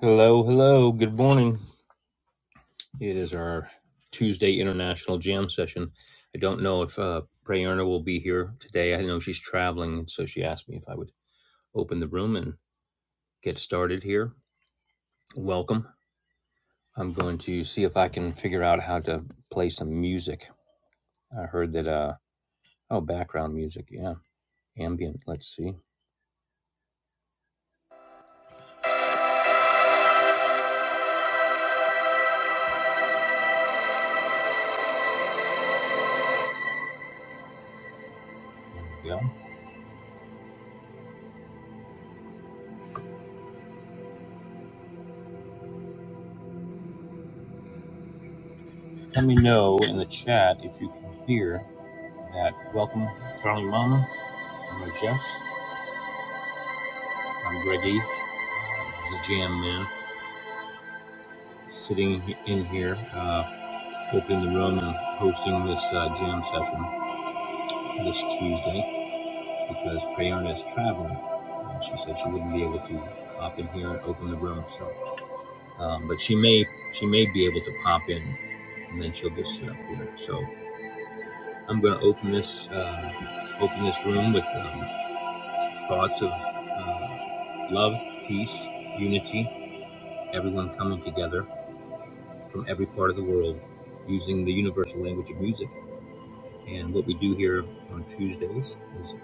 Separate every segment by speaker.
Speaker 1: Hello, hello. Good morning. It is our Tuesday international jam session. I don't know if uh, Prayerna will be here today. I know she's traveling, so she asked me if I would open the room and get started here. Welcome. I'm going to see if I can figure out how to play some music. I heard that. Uh, oh, background music. Yeah, ambient. Let's see. Yeah. Let me know in the chat if you can hear that. Welcome, Carly Mama. I'm Jess. I'm Greggy. the jam man sitting in here uh, opening the room and hosting this uh, jam session this tuesday because prayerna is traveling and she said she wouldn't be able to pop in here and open the room so um, but she may she may be able to pop in and then she'll get set up here so i'm going to open this uh, open this room with um, thoughts of uh, love peace unity everyone coming together from every part of the world using the universal language of music. And what we do here on Tuesdays is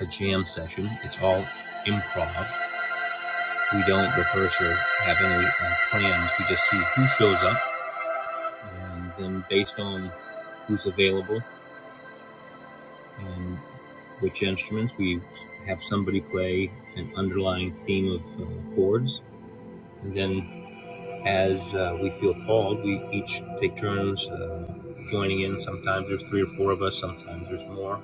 Speaker 1: a jam session. It's all improv. We don't rehearse or have any uh, plans. We just see who shows up, and then based on who's available and which instruments, we have somebody play an underlying theme of uh, chords. And then as uh, we feel called. We each take turns uh, joining in. Sometimes there's three or four of us, sometimes there's more.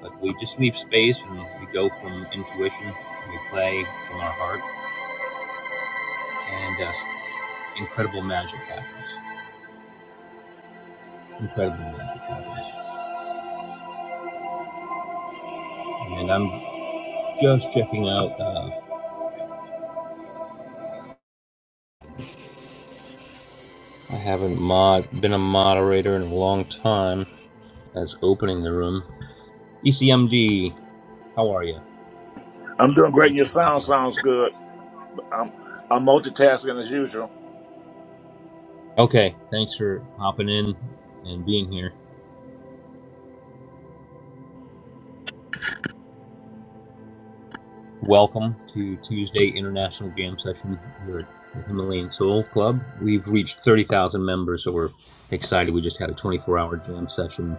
Speaker 1: But we just leave space and we go from intuition, we play from our heart, and uh, incredible magic happens. Incredible magic happens. And I'm just checking out, uh, I haven't mod- been a moderator in a long time as opening the room. ECMD, how are you?
Speaker 2: I'm doing great.
Speaker 1: Thanks
Speaker 2: Your
Speaker 1: for
Speaker 2: sound
Speaker 1: hopping up.
Speaker 2: sounds good. I'm I'm multitasking as usual.
Speaker 1: Okay, thanks for hopping in and being here. Welcome to Tuesday International Jam Session here at the Himalayan Soul Club. We've reached 30,000 members, so we're excited. We just had a 24 hour jam session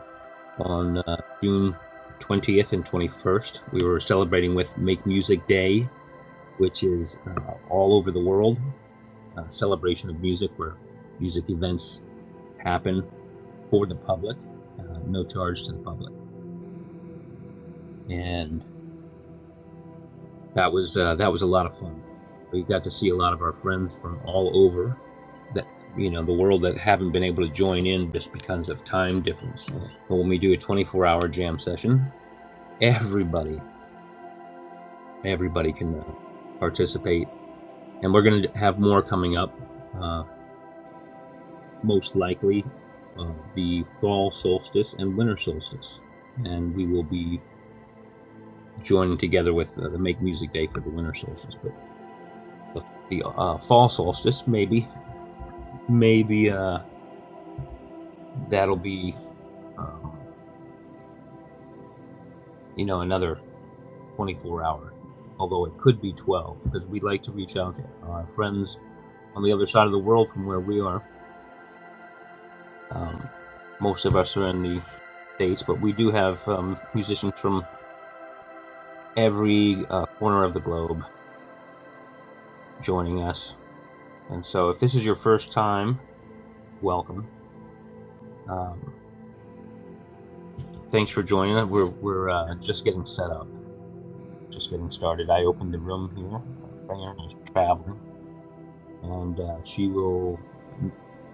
Speaker 1: on uh, June 20th and 21st. We were celebrating with Make Music Day, which is uh, all over the world, a celebration of music where music events happen for the public, uh, no charge to the public. And that was uh, that was a lot of fun. We got to see a lot of our friends from all over that you know the world that haven't been able to join in just because of time difference. But when we do a 24-hour jam session, everybody everybody can uh, participate, and we're going to have more coming up, uh, most likely uh, the fall solstice and winter solstice, and we will be joining together with uh, the Make Music Day for the winter solstice, but. The, uh, fall solstice, maybe maybe uh, that'll be um, you know another 24 hour although it could be 12 because we'd like to reach out to our friends on the other side of the world from where we are um, most of us are in the states but we do have um, musicians from every uh, corner of the globe joining us and so if this is your first time welcome um, thanks for joining us we're, we're uh, just getting set up just getting started i opened the room here Diana's traveling and uh, she will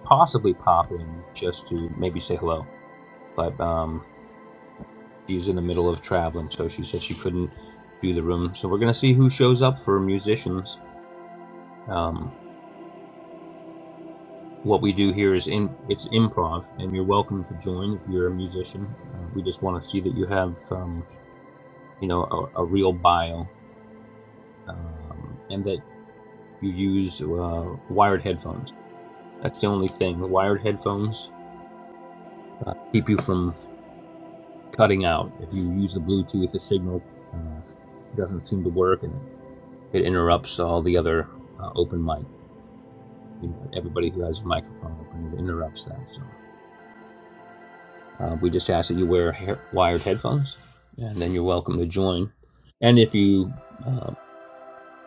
Speaker 1: possibly pop in just to maybe say hello. But um, she's in the middle of traveling, so she said she couldn't do the room. So we're gonna see who shows up for musicians. Um, what we do here is in it's improv, and you're welcome to join if you're a musician. Uh, we just want to see that you have um, you know a, a real bio, um, and that you use uh, wired headphones. That's the only thing. The Wired headphones uh, keep you from cutting out. If you use the Bluetooth, the signal uh, doesn't seem to work, and it interrupts all the other uh, open mic. You know, everybody who has a microphone open it interrupts that. So uh, we just ask that you wear hair- wired headphones, and then you're welcome to join. And if you uh,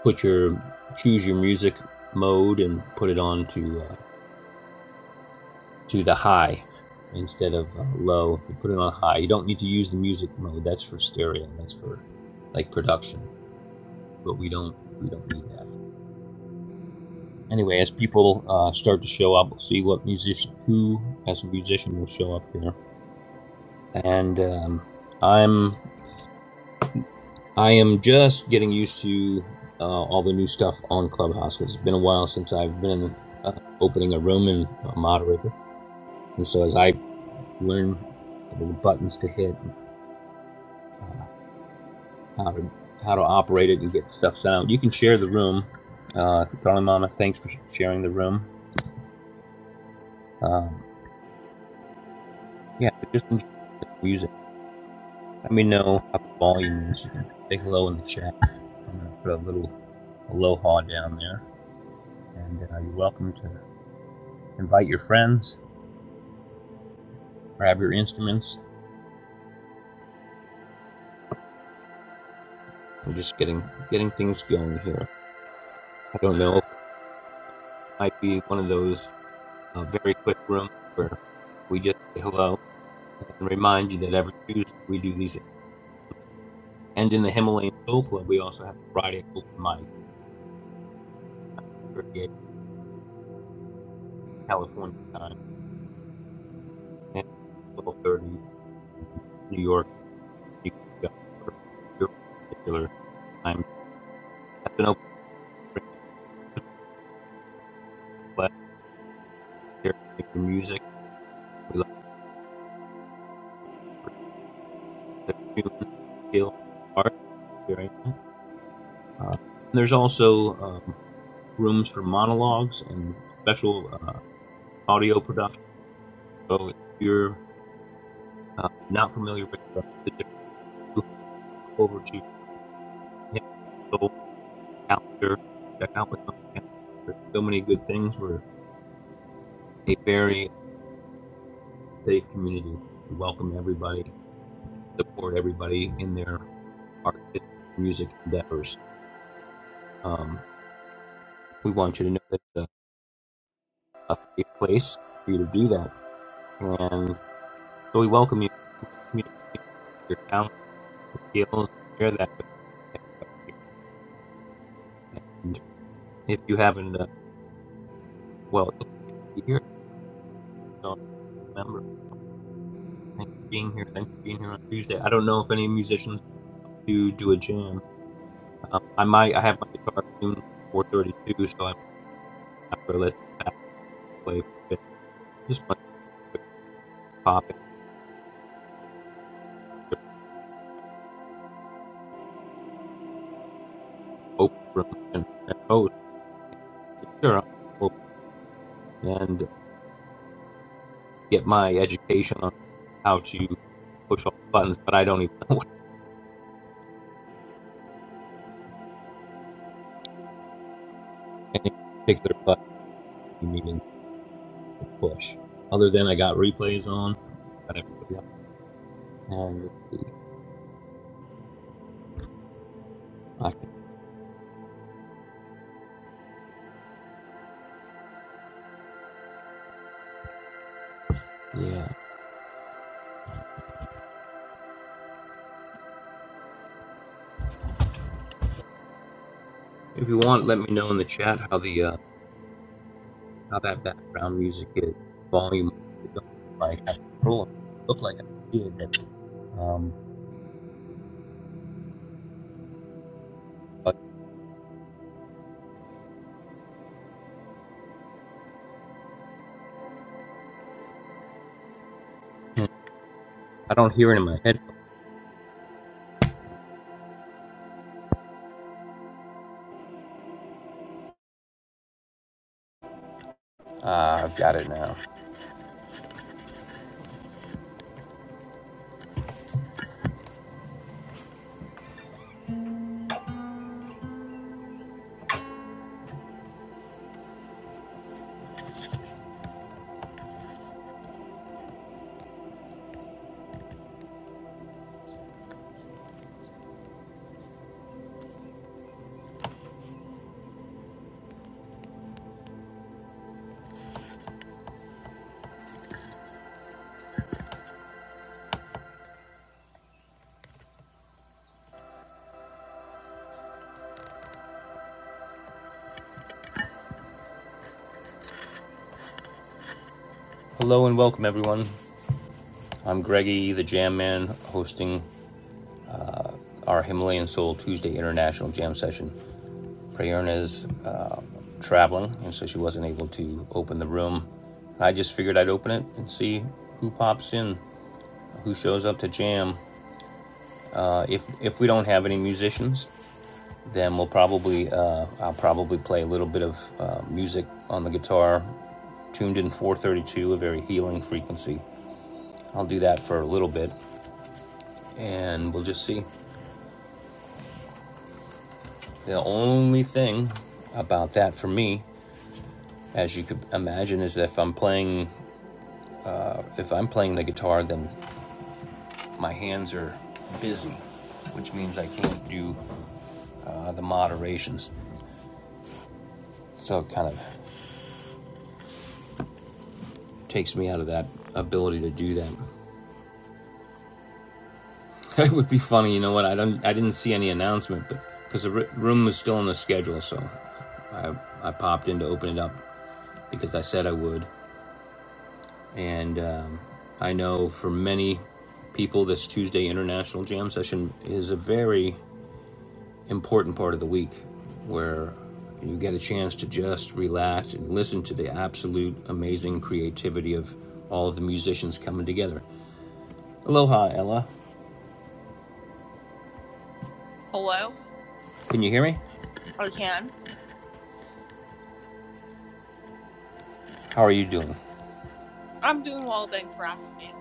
Speaker 1: put your choose your music mode and put it on to uh, to the high instead of uh, low, if you put it on high. You don't need to use the music mode. That's for stereo. That's for like production. but we don't we don't need that. Anyway, as people uh, start to show up, we'll see what musician who as a musician will show up here. And um, I'm I am just getting used to uh, all the new stuff on Clubhouse because 'cause it's been a while since I've been uh, opening a room and a moderator. And so as I learn the buttons to hit, how to how to operate it and get stuff sound, you can share the room. Uh, Darling Mama, thanks for sharing the room. Um, yeah, just enjoy the music. Let me know how the volume is. Say hello in the chat. I'm gonna put a little aloha down there, and uh, you're welcome to invite your friends. Grab your instruments. We're just getting getting things going here. I don't know. It might be one of those uh, very quick rooms where we just say hello and remind you that every Tuesday we do these. And in the Himalayan Soul Club, we also have Friday open mic, 38 California time, and 12:30 New York. you can go for your particular time. That's an open class here for you. Glad music. We love the human skill, art. Very nice. Uh, there's also um, rooms for monologues and special uh, audio production. So if you're uh, not familiar with the different over to Soul Calendar, check out with them. There's so many good things. We're a very safe community. We welcome everybody, support everybody in their artistic music endeavors. Um, we want you to know that it's a, a safe place for you to do that. And so we welcome you to communicate your talent, your skills, share that with you. and if you haven't, uh, well, you're here, so remember, thanks for being here. Thanks for being here on Tuesday. I don't know if any musicians do do a jam. Um, I might. I have my guitar tuned for 432, so I'm after let that play. just want to pop it. Open room and, and Sure, I'll- and get my education on how to push all the buttons, but I don't even know what any particular button you mean to push. Other than I got replays on, but and I yeah. If you want, let me know in the chat how the uh, how that background music is volume like I control look like I did. that. Um, but I don't hear it in my head. Ah, uh, I've got it now. Hello and welcome everyone. I'm Greggy, the Jam Man, hosting our Himalayan Soul Tuesday International Jam Session. Prayern uh, traveling, and so she wasn't able to open the room. I just figured I'd open it and see who pops in, who shows up to jam. Uh, if if we don't have any musicians, then we'll probably uh, I'll probably play a little bit of uh, music on the guitar, tuned in 432, a very healing frequency. I'll do that for a little bit, and we'll just see. The only thing about that for me, as you could imagine, is that if I'm playing if I'm playing the guitar, then my hands are busy, which means I can't do uh, the moderations. So it kind of takes me out of that ability to do that. it would be funny, you know what? I don't I didn't see any announcement, but because the r- room was still on the schedule, so I popped in to open it up because I said I would. And um, I know for many people, this Tuesday International Jam Session is a very important part of the week where you get a chance to just relax and listen to the absolute amazing creativity of all of the musicians coming together. Aloha, Ella.
Speaker 3: Hello?
Speaker 1: Can you hear me?
Speaker 3: I can.
Speaker 1: How are you doing?
Speaker 3: I'm doing well, thanks for asking.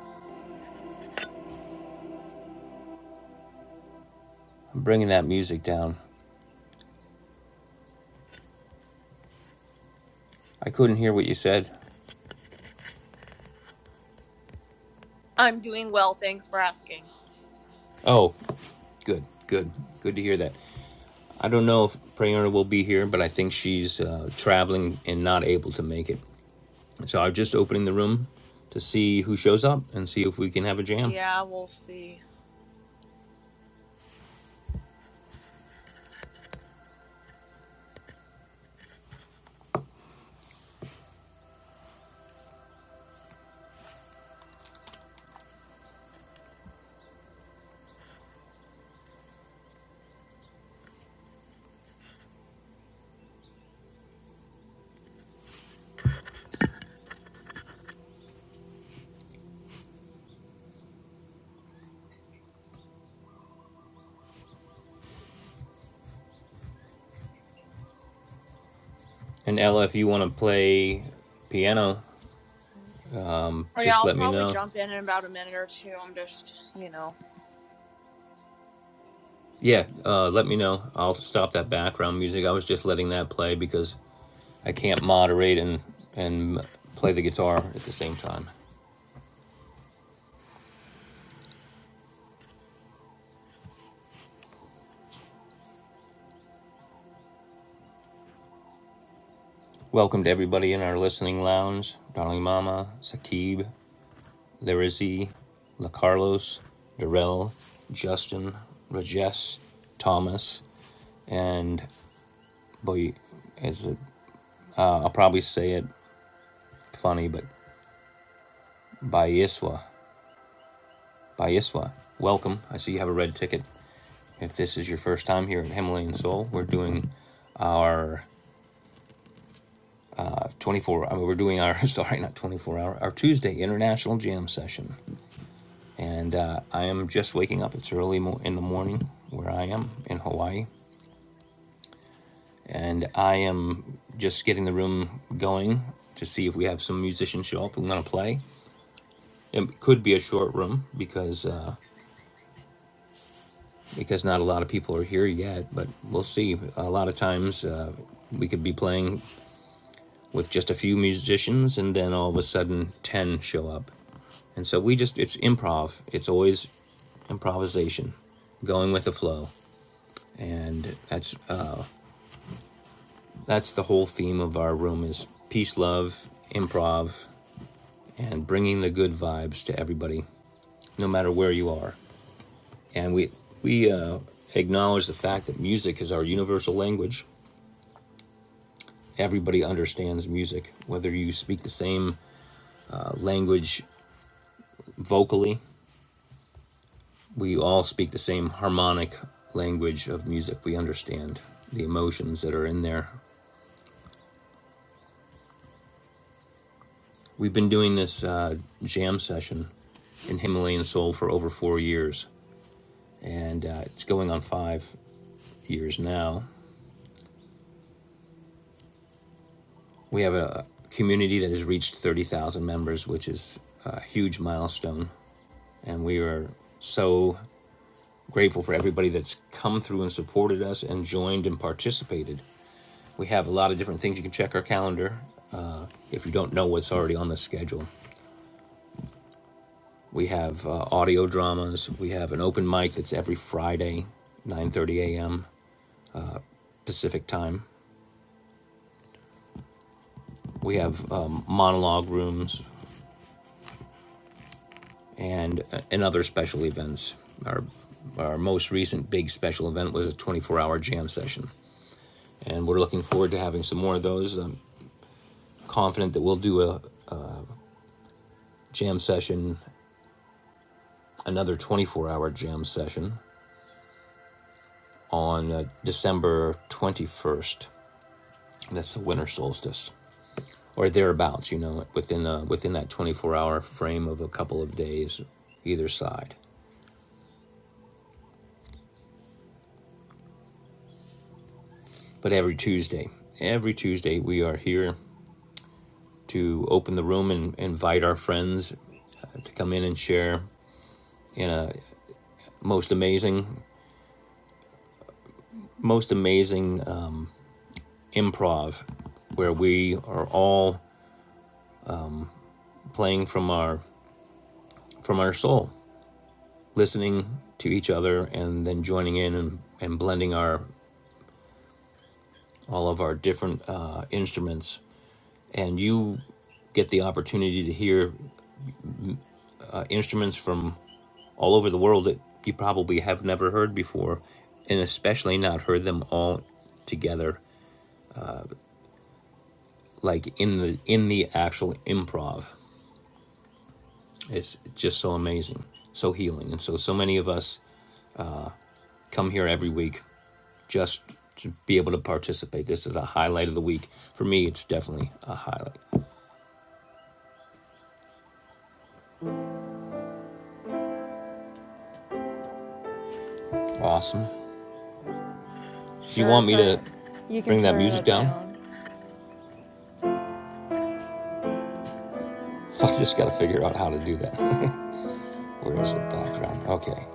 Speaker 1: I'm bringing that music down. I couldn't hear what you said.
Speaker 3: I'm doing well, thanks for asking.
Speaker 1: Oh, good, good, good to hear that. I don't know if Prayerna will be here, but I think she's uh, traveling and not able to make it. So I'm just opening the room to see who shows up and see if we can have a jam.
Speaker 3: Yeah, we'll see.
Speaker 1: And Ella, if you want to play piano,
Speaker 3: Oh, yeah,
Speaker 1: just
Speaker 3: I'll
Speaker 1: let me
Speaker 3: probably
Speaker 1: know.
Speaker 3: jump in in about a minute or two. I'm just, you know.
Speaker 1: Yeah, uh, let me know. I'll stop that background music. I was just letting that play because I can't moderate and and play the guitar at the same time. Welcome to everybody in our listening lounge. Darling Mama, Sakib, Larissy, LaCarlos, Darrell, Justin, Rajesh, Thomas, and boy, is it? I'll probably say it funny, but Bayiswa. Bayiswa. Welcome. I see you have a red ticket. If this is your first time here at Himalayan Soul, we're doing our uh, 24 I mean, we're doing our sorry not 24 hour our tuesday international jam session and uh, i am just waking up it's early mo- in the morning where i am in hawaii and i am just getting the room going to see if we have some musicians show up who want to play it could be a short room because uh, because not a lot of people are here yet, but we'll see. A lot of times uh, we could be playing with just a few musicians and then all of a sudden 10 show up. And so we just, it's improv, it's always improvisation, going with the flow. And that's, uh, that's the whole theme of our room is peace, love, improv, and bringing the good vibes to everybody, no matter where you are. And we, we uh, acknowledge the fact that music is our universal language everybody understands music, whether you speak the same uh, language vocally. We all speak the same harmonic language of music. We understand the emotions that are in there. We've been doing this uh, jam session in Himalayan Soul for over four years, and uh, it's going on five years now. We have a community that has reached 30,000 members, which is a huge milestone, and we are so Grateful for everybody that's come through and supported us and joined and participated. We have a lot of different things. You can check our calendar uh, if you don't know what's already on the schedule. We have uh, audio dramas. We have an open mic that's every Friday, 9:30 a.m. Pacific time. We have um, monologue rooms and uh, and other special events. Our our most recent big special event was a 24-hour jam session, and we're looking forward to having some more of those. I'm confident that we'll do a, jam session, another 24 hour jam session on uh, December 21st. That's the winter solstice or thereabouts, you know, within, uh, within that 24 hour frame of a couple of days either side. But every Tuesday, every Tuesday, we are here to open the room and invite our friends uh, to come in and share in a most amazing, most amazing uh, improv where we are all playing from our from our soul listening to each other and then joining in and, and blending our all of our different uh, instruments and you get the opportunity to hear uh, instruments from all over the world that you probably have never heard before and especially not heard them all together like in the in the actual improv it's just so amazing so healing and so so many of us come here every week just to be able to participate this is a highlight of the week for me it's definitely a highlight Awesome. Do you
Speaker 3: Sure,
Speaker 1: want me
Speaker 3: turn
Speaker 1: to
Speaker 3: it. You can
Speaker 1: bring that
Speaker 3: turn it
Speaker 1: music
Speaker 3: up
Speaker 1: down?
Speaker 3: down.
Speaker 1: I just got to figure out how to do that. Where is it? Background. Okay.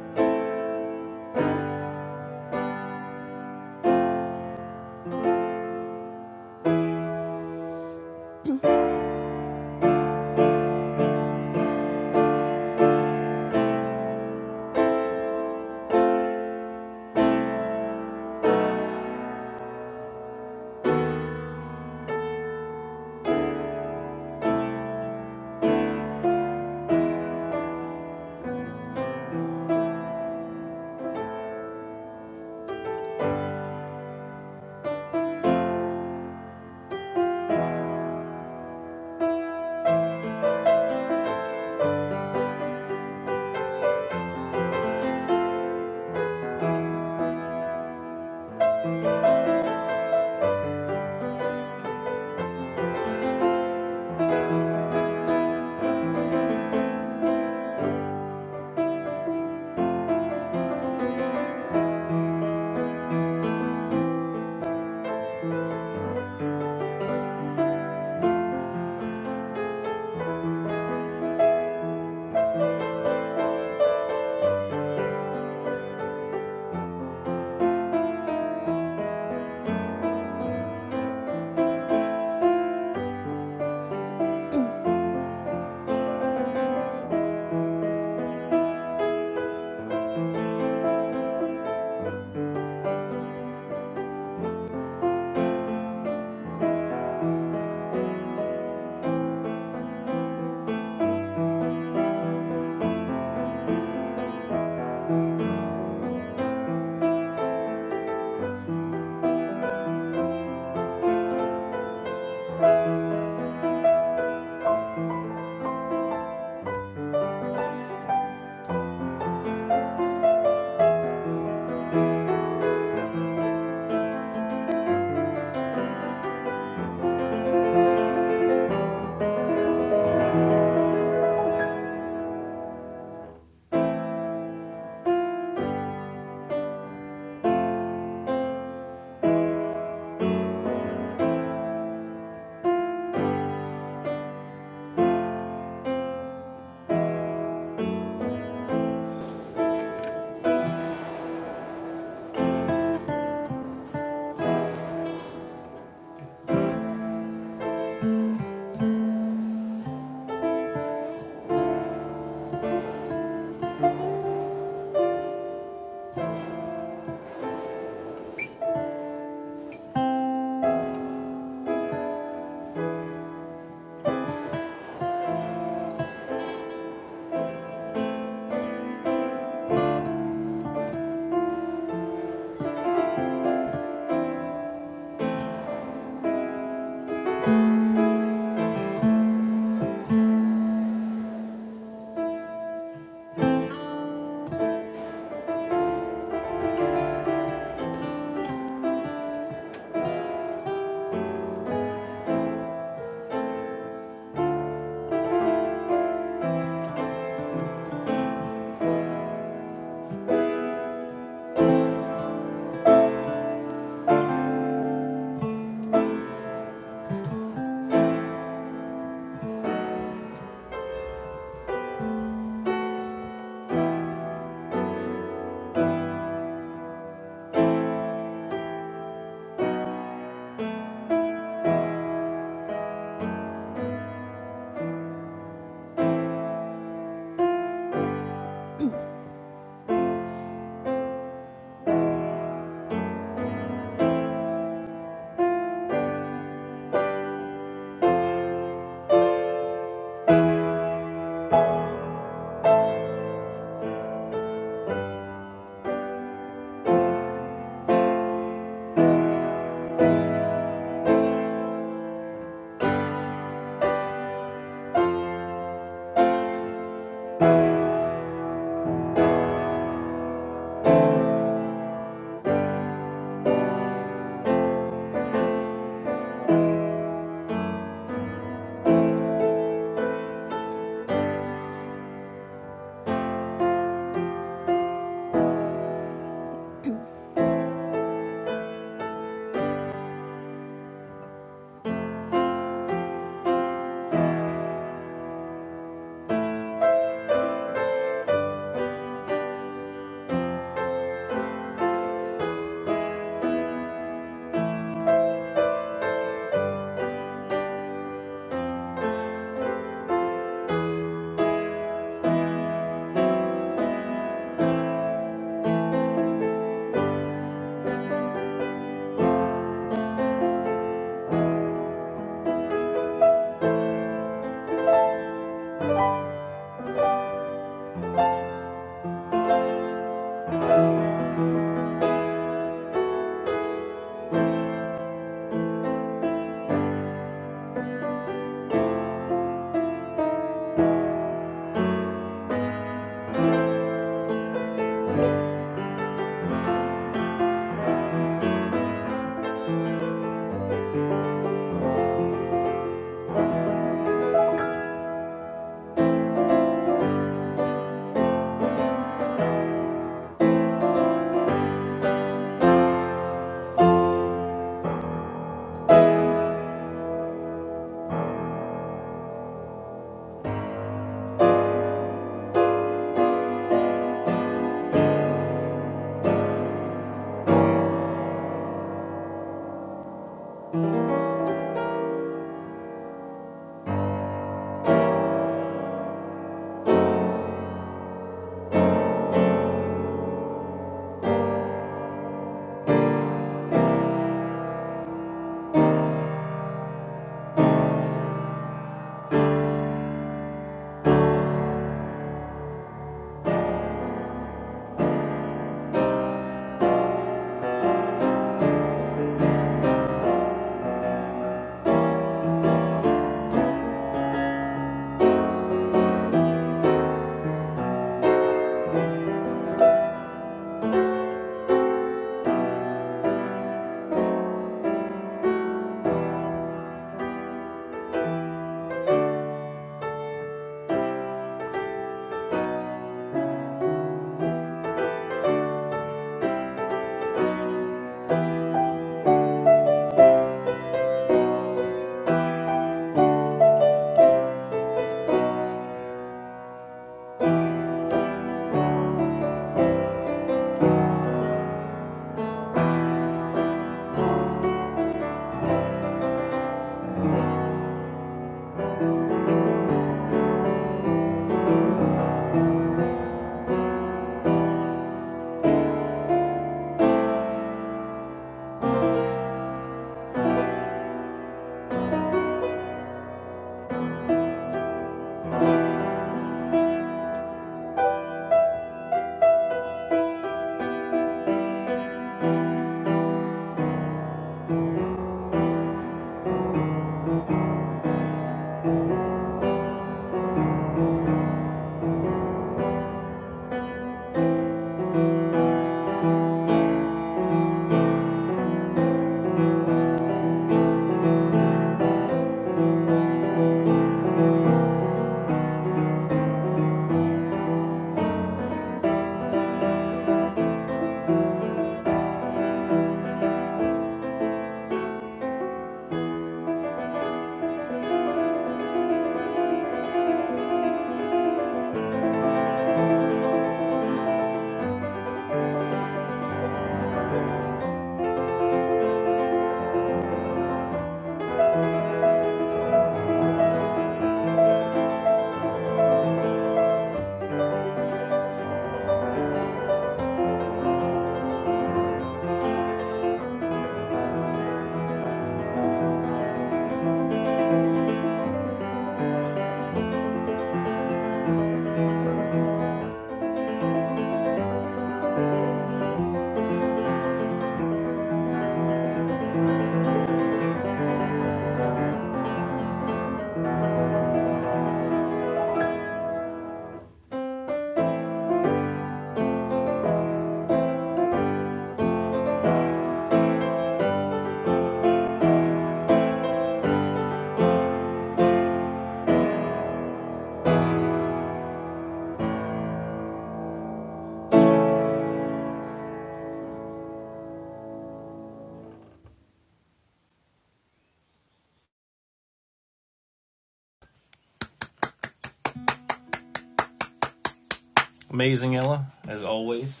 Speaker 1: Amazing, Ella, as always.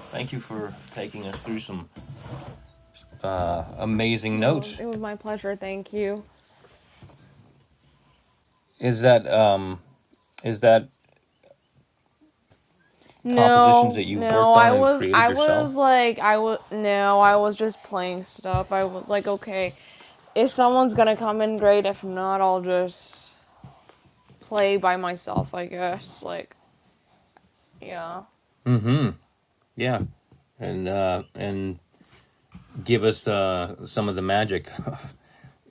Speaker 1: Thank you for taking us through some amazing
Speaker 3: No,
Speaker 1: notes.
Speaker 3: it was my pleasure. Thank you.
Speaker 1: Is that um is that compositions that
Speaker 3: No,
Speaker 1: you've
Speaker 3: no,
Speaker 1: worked on
Speaker 3: I
Speaker 1: and
Speaker 3: was,
Speaker 1: created
Speaker 3: I
Speaker 1: yourself?
Speaker 3: was like, I was, no, I was just playing stuff. I was like, okay, if someone's gonna come in, great. If not, I'll just play by myself, I guess. Like, yeah.
Speaker 1: Yeah. And uh and give us uh some of the magic of,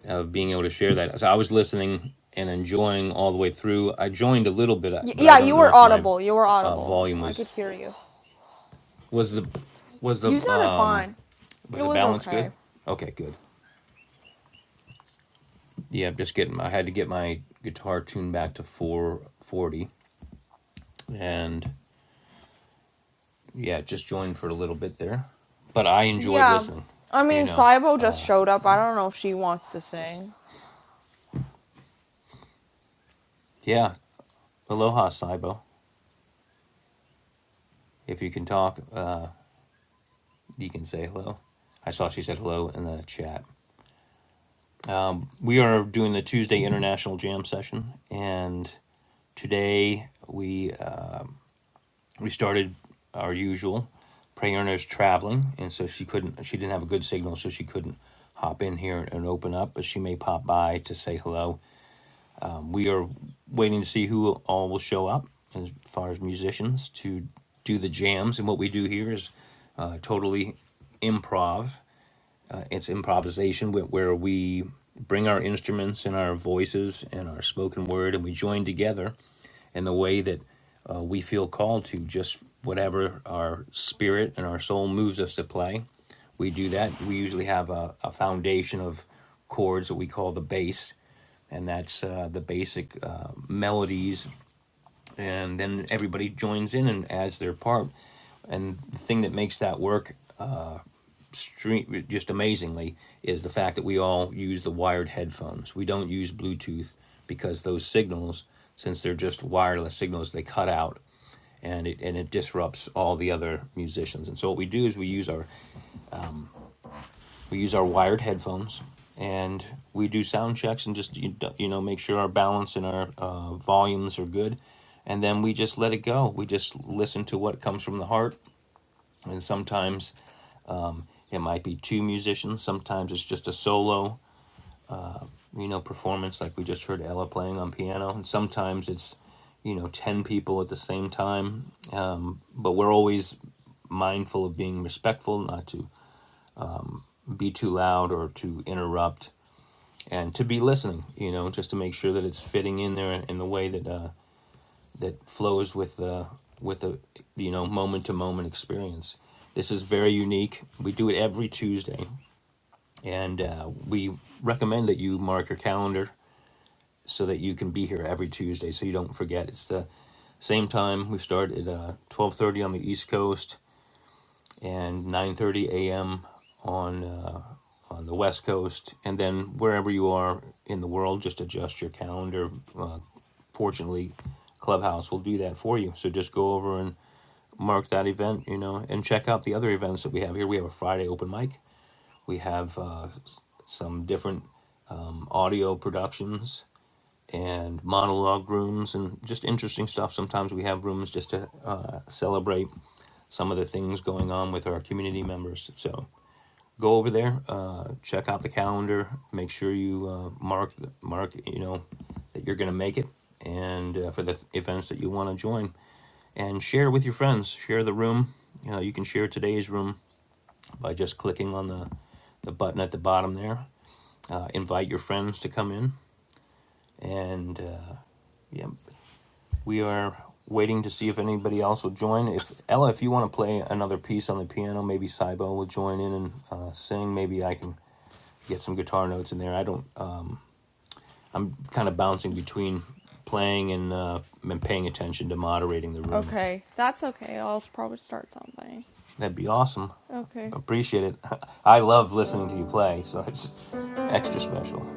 Speaker 1: of being able to share that. So I was listening and enjoying all the way through. I joined a little bit,
Speaker 3: Y-
Speaker 1: but I
Speaker 3: yeah,
Speaker 1: don't
Speaker 3: you
Speaker 1: know
Speaker 3: were
Speaker 1: if my
Speaker 3: audible. You were
Speaker 1: uh,
Speaker 3: audible.
Speaker 1: volume
Speaker 3: Oh, I
Speaker 1: was
Speaker 3: could hear you.
Speaker 1: Was the was the
Speaker 3: You
Speaker 1: uh,
Speaker 3: sounded fine. It
Speaker 1: was the
Speaker 3: was
Speaker 1: balance good?
Speaker 3: okay.
Speaker 1: Okay, good. Yeah, I'm just getting. I had to get my guitar tuned back to four forty, and yeah, just joined for a little bit there. But I enjoyed
Speaker 3: Yeah.
Speaker 1: listening.
Speaker 3: I mean,
Speaker 1: You know,
Speaker 3: Saibo just showed up. I don't know if she wants to sing.
Speaker 1: yeah. Aloha, Saibo. If you can talk, uh, you can say hello. I saw she said hello in the chat. We are doing the Tuesday International Jam session, and today we uh, we started our usual praying earners traveling and so she couldn't she didn't have a good signal so she couldn't hop in here and open up but she may pop by to say hello we are waiting to see who all will show up as far as musicians to do the jams and what we do here is uh, totally improv Uh, it's improvisation where, where we bring our instruments and our voices and our spoken word and we join together and the way that uh, we feel called to just whatever our spirit and our soul moves us to play. We do that. We usually have a, a foundation of chords that we call the bass, and that's uh, the basic uh, melodies. And then everybody joins in and adds their part. And the thing that makes that work stre- just amazingly is the fact that we all use the wired headphones. We don't use Bluetooth because those signals, since they're just wireless signals, they cut out and it and it disrupts all the other musicians. And so what we do is we use our we use our wired headphones and we do sound checks and just you you know make sure our balance and our uh, volumes are good, and then we just let it go. We just listen to what comes from the heart. And sometimes it might be two musicians. Sometimes it's just a solo you know performance like we just heard Ella playing on piano. And sometimes it's you know 10 people at the same time but we're always mindful of being respectful not to be too loud or to interrupt and to be listening you know just to make sure that it's fitting in there in the way that uh, that flows with the with the you know moment to moment experience this is very unique we do it every tuesday and uh, we recommend that you mark your calendar so that you can be here every tuesday so you don't forget it's the same time we start at uh, 12.30 on the east coast and 9:30 a.m. on uh, on the West Coast, and then wherever you are in the world, just adjust your calendar. Uh, fortunately, Clubhouse will do that for you. So just go over and mark that event, you know, and check out the other events that we have here. We have a Friday open mic. We have uh, some different audio productions and monologue rooms and just interesting stuff. Sometimes we have rooms just to uh, celebrate some of the things going on with our community members. So go over there, uh, check out the calendar, make sure you uh, mark the- mark you know that you're going to make it, and uh, for the th- events that you want to join, and share with your friends. Share the room. You know you can share today's room by just clicking on the the button at the bottom there. Uh, invite your friends to come in, and uh, yeah, We are waiting to see if anybody else will join. If Ella, if you want to play another piece on the piano, maybe Saibo will join in and uh, sing. Maybe I can get some guitar notes in there. I don't. Uh, I'm kind of bouncing between playing and uh, and paying attention to moderating the room.
Speaker 3: Okay. That's okay. I'll probably start something.
Speaker 1: That'd be awesome.
Speaker 3: Okay.
Speaker 1: Appreciate it. I love listening to you play, so it's extra special.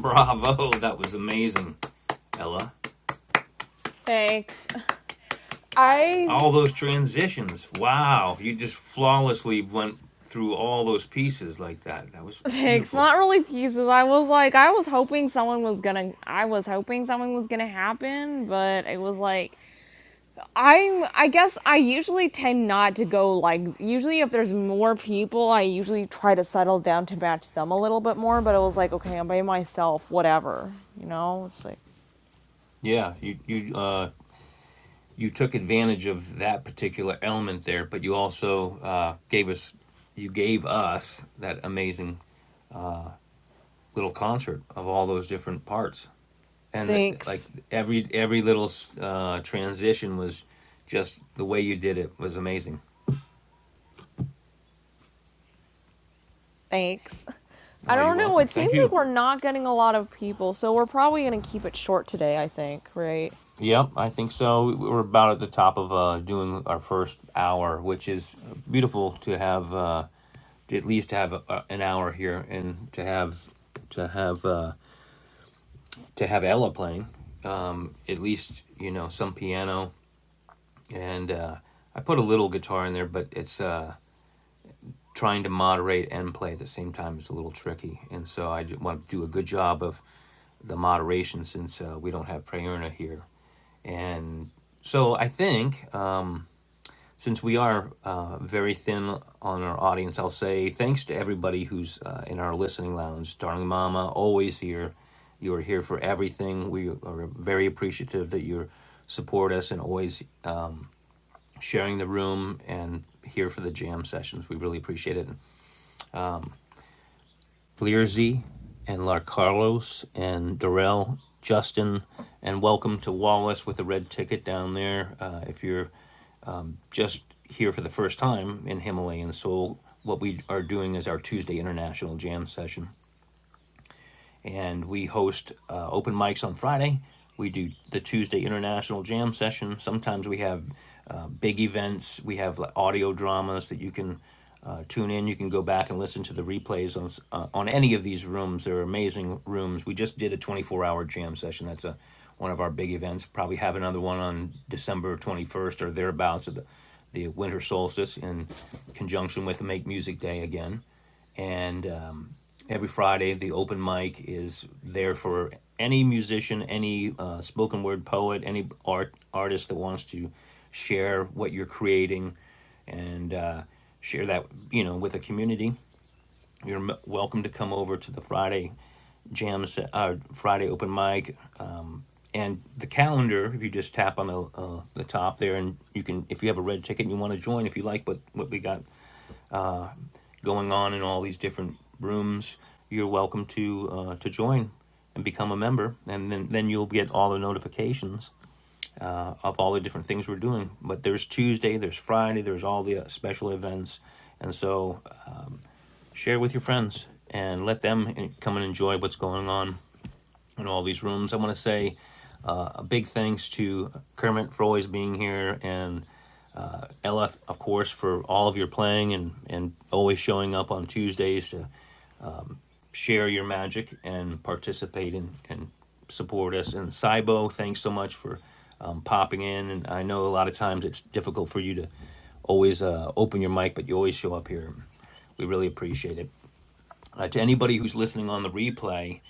Speaker 1: Bravo! That was amazing, Ella.
Speaker 3: Thanks. I.
Speaker 1: all those transitions. Wow, you just flawlessly went through all those pieces like that. That was
Speaker 3: Thanks.
Speaker 1: beautiful.
Speaker 3: Not really pieces. I was like, I was hoping someone was gonna. I was hoping something was gonna happen, but it was like. I'm I guess I usually tend not to go like usually if there's more people I usually try to settle down to match them a little bit more but it was like okay I'm by myself whatever you know it's like
Speaker 1: Yeah, you you uh, you took advantage of that particular element there, but you also uh, gave us you gave us that amazing little concert of all those different parts, and that, like
Speaker 3: thanks
Speaker 1: every every little uh, transition was just the way you did it was amazing.
Speaker 3: thanks I
Speaker 1: Oh, you're
Speaker 3: don't know
Speaker 1: welcome.
Speaker 3: it
Speaker 1: Thank
Speaker 3: seems like
Speaker 1: you.
Speaker 3: we're not getting a lot of people so we're probably going to keep it short today I think right
Speaker 1: Yep, I think so. We- are about at the top of uh, doing our first hour, which is beautiful to have uh, to at least have uh an hour here and to have to have uh, to have Ella playing. Um, at least you know some piano and uh, I put a little guitar in there, but it's uh, trying to moderate and play at the same time is a little tricky. And so I ju- want to do a good job of the moderation since uh, we don't have Prayerna here. And so I think since we are uh, very thin on our audience, I'll say thanks to everybody who's uh, in our listening lounge. Darling Mama, always here. You are here for everything. We are very appreciative that you support us and always sharing the room and here for the jam sessions. We really appreciate it. Learzy and Lar Carlos and Darrell, Justin, and welcome to Wallace with a red ticket down there. Uh, if you're just here for the first time in Himalayan Soul, what we are doing is our Tuesday International Jam session and we host uh, open mics on Friday. We do the Tuesday International Jam session. Sometimes we have uh, big events. We have like, audio dramas that you can uh, tune in. You can go back and listen to the replays on uh, on any of these rooms. They're amazing rooms. We just did a twenty four hour jam session. That's a one of our big events. Probably have another one on December twenty first or thereabouts at the the winter solstice in conjunction with Make Music Day again and um, every Friday. The open mic is there for any musician, any uh, spoken word poet, any art artist that wants to share what you're creating and uh, share that you know with a community. You're m- welcome to come over to the Friday jam set, uh, Friday open mic. And the calendar, if you just tap on the, uh, the top there, and you can, if you have a red ticket and you want to join, if you like what, what we got going on in all these different rooms, you're welcome to uh, to join and become a member, and then then you'll get all the notifications uh, of all the different things we're doing. But there's Tuesday, there's Friday, there's all the uh, special events, and so uh, share with your friends and let them uh, come and enjoy what's going on in all these rooms. I want to say a big thanks to Kermit for always being here and Ella, of course, for all of your playing and, and always showing up on Tuesdays to share your magic and participate in, and support us. And Saibo, thanks so much for um, popping in. And I know a lot of times it's difficult for you to always uh, open your mic, but you always show up here. We really appreciate it. Uh, to anybody who's listening on the replay,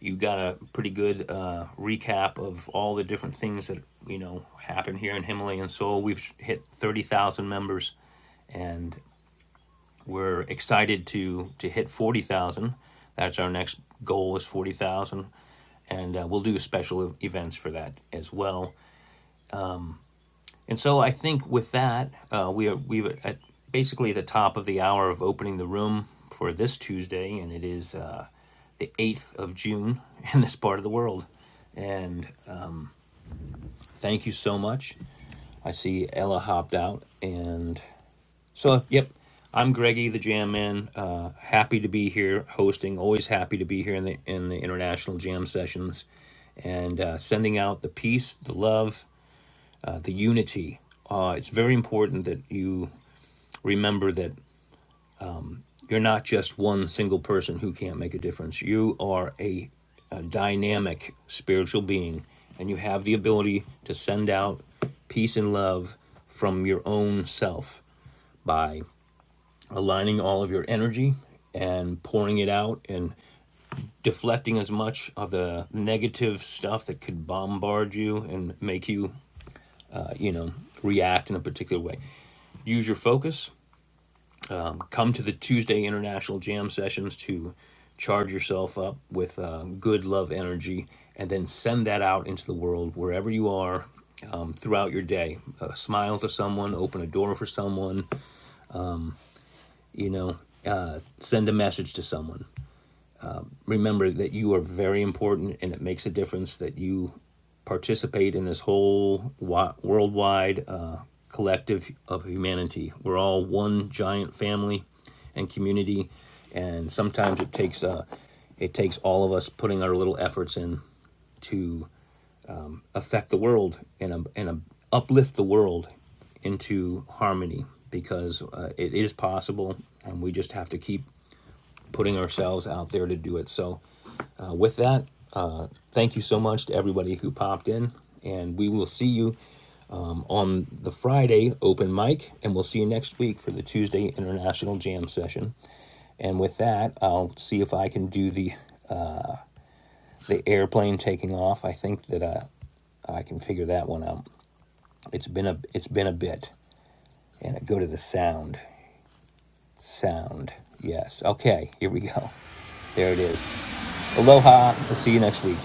Speaker 1: you got a pretty good uh, recap of all the different things that you know happen here in Himalayan Soul. We've hit thirty thousand members, and we're excited to to hit forty thousand. That's our next goal is forty thousand, and uh, we'll do special e-, events for that as well. And so I think with that, uh, we are we are at basically the top of the hour of opening the room for this Tuesday, and it is uh, the eighth of June in this part of the world. And uh, thank you so much. I see Ella hopped out, and So, yep, I'm Greggy, the Jam Man. Uh, happy to be here hosting. Always happy to be here in the in the international jam sessions, and uh, sending out the peace, the love, uh, the unity. Uh, it's very important that you remember that you're not just one single person who can't make a difference. You are a, a dynamic spiritual being, and you have the ability to send out peace and love from your own self by aligning all of your energy and pouring it out and deflecting as much of the negative stuff that could bombard you and make you, uh, you know, react in a particular way. Use your focus. Come to the Tuesday International Jam sessions to charge yourself up with uh, good love energy and then send that out into the world wherever you are um, throughout your day. Uh, smile to someone, open a door for someone, you know, uh, send a message to someone. remember that you are very important and it makes a difference that you participate in this whole worldwide uh, collective of humanity. We're all one giant family and community, and sometimes it takes uh, it takes all of us putting our little efforts in to affect the world and um, and um, uplift the world into harmony because uh, it is possible, and we just have to keep putting ourselves out there to do it. So uh, with that, uh, thank you so much to everybody who popped in, and we will see you on the Friday open mic, and we'll see you next week for the Tuesday International Jam session. And with that, I'll see if I can do the the airplane taking off. I think that uh, I can figure that one out. It's been a it's been a bit, and I go to the sound sound. Yes. Okay. Here we go. There it is. Aloha. I'll see you next week.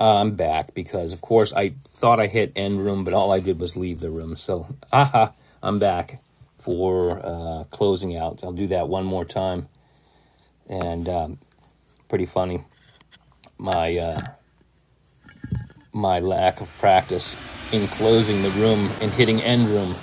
Speaker 1: Uh, I'm back because, of course, I thought I hit end room, but all I did was leave the room. So, aha, I'm back for uh, closing out. I'll do that one more time. And um, pretty funny, my uh, my lack of practice in closing the room and hitting end room.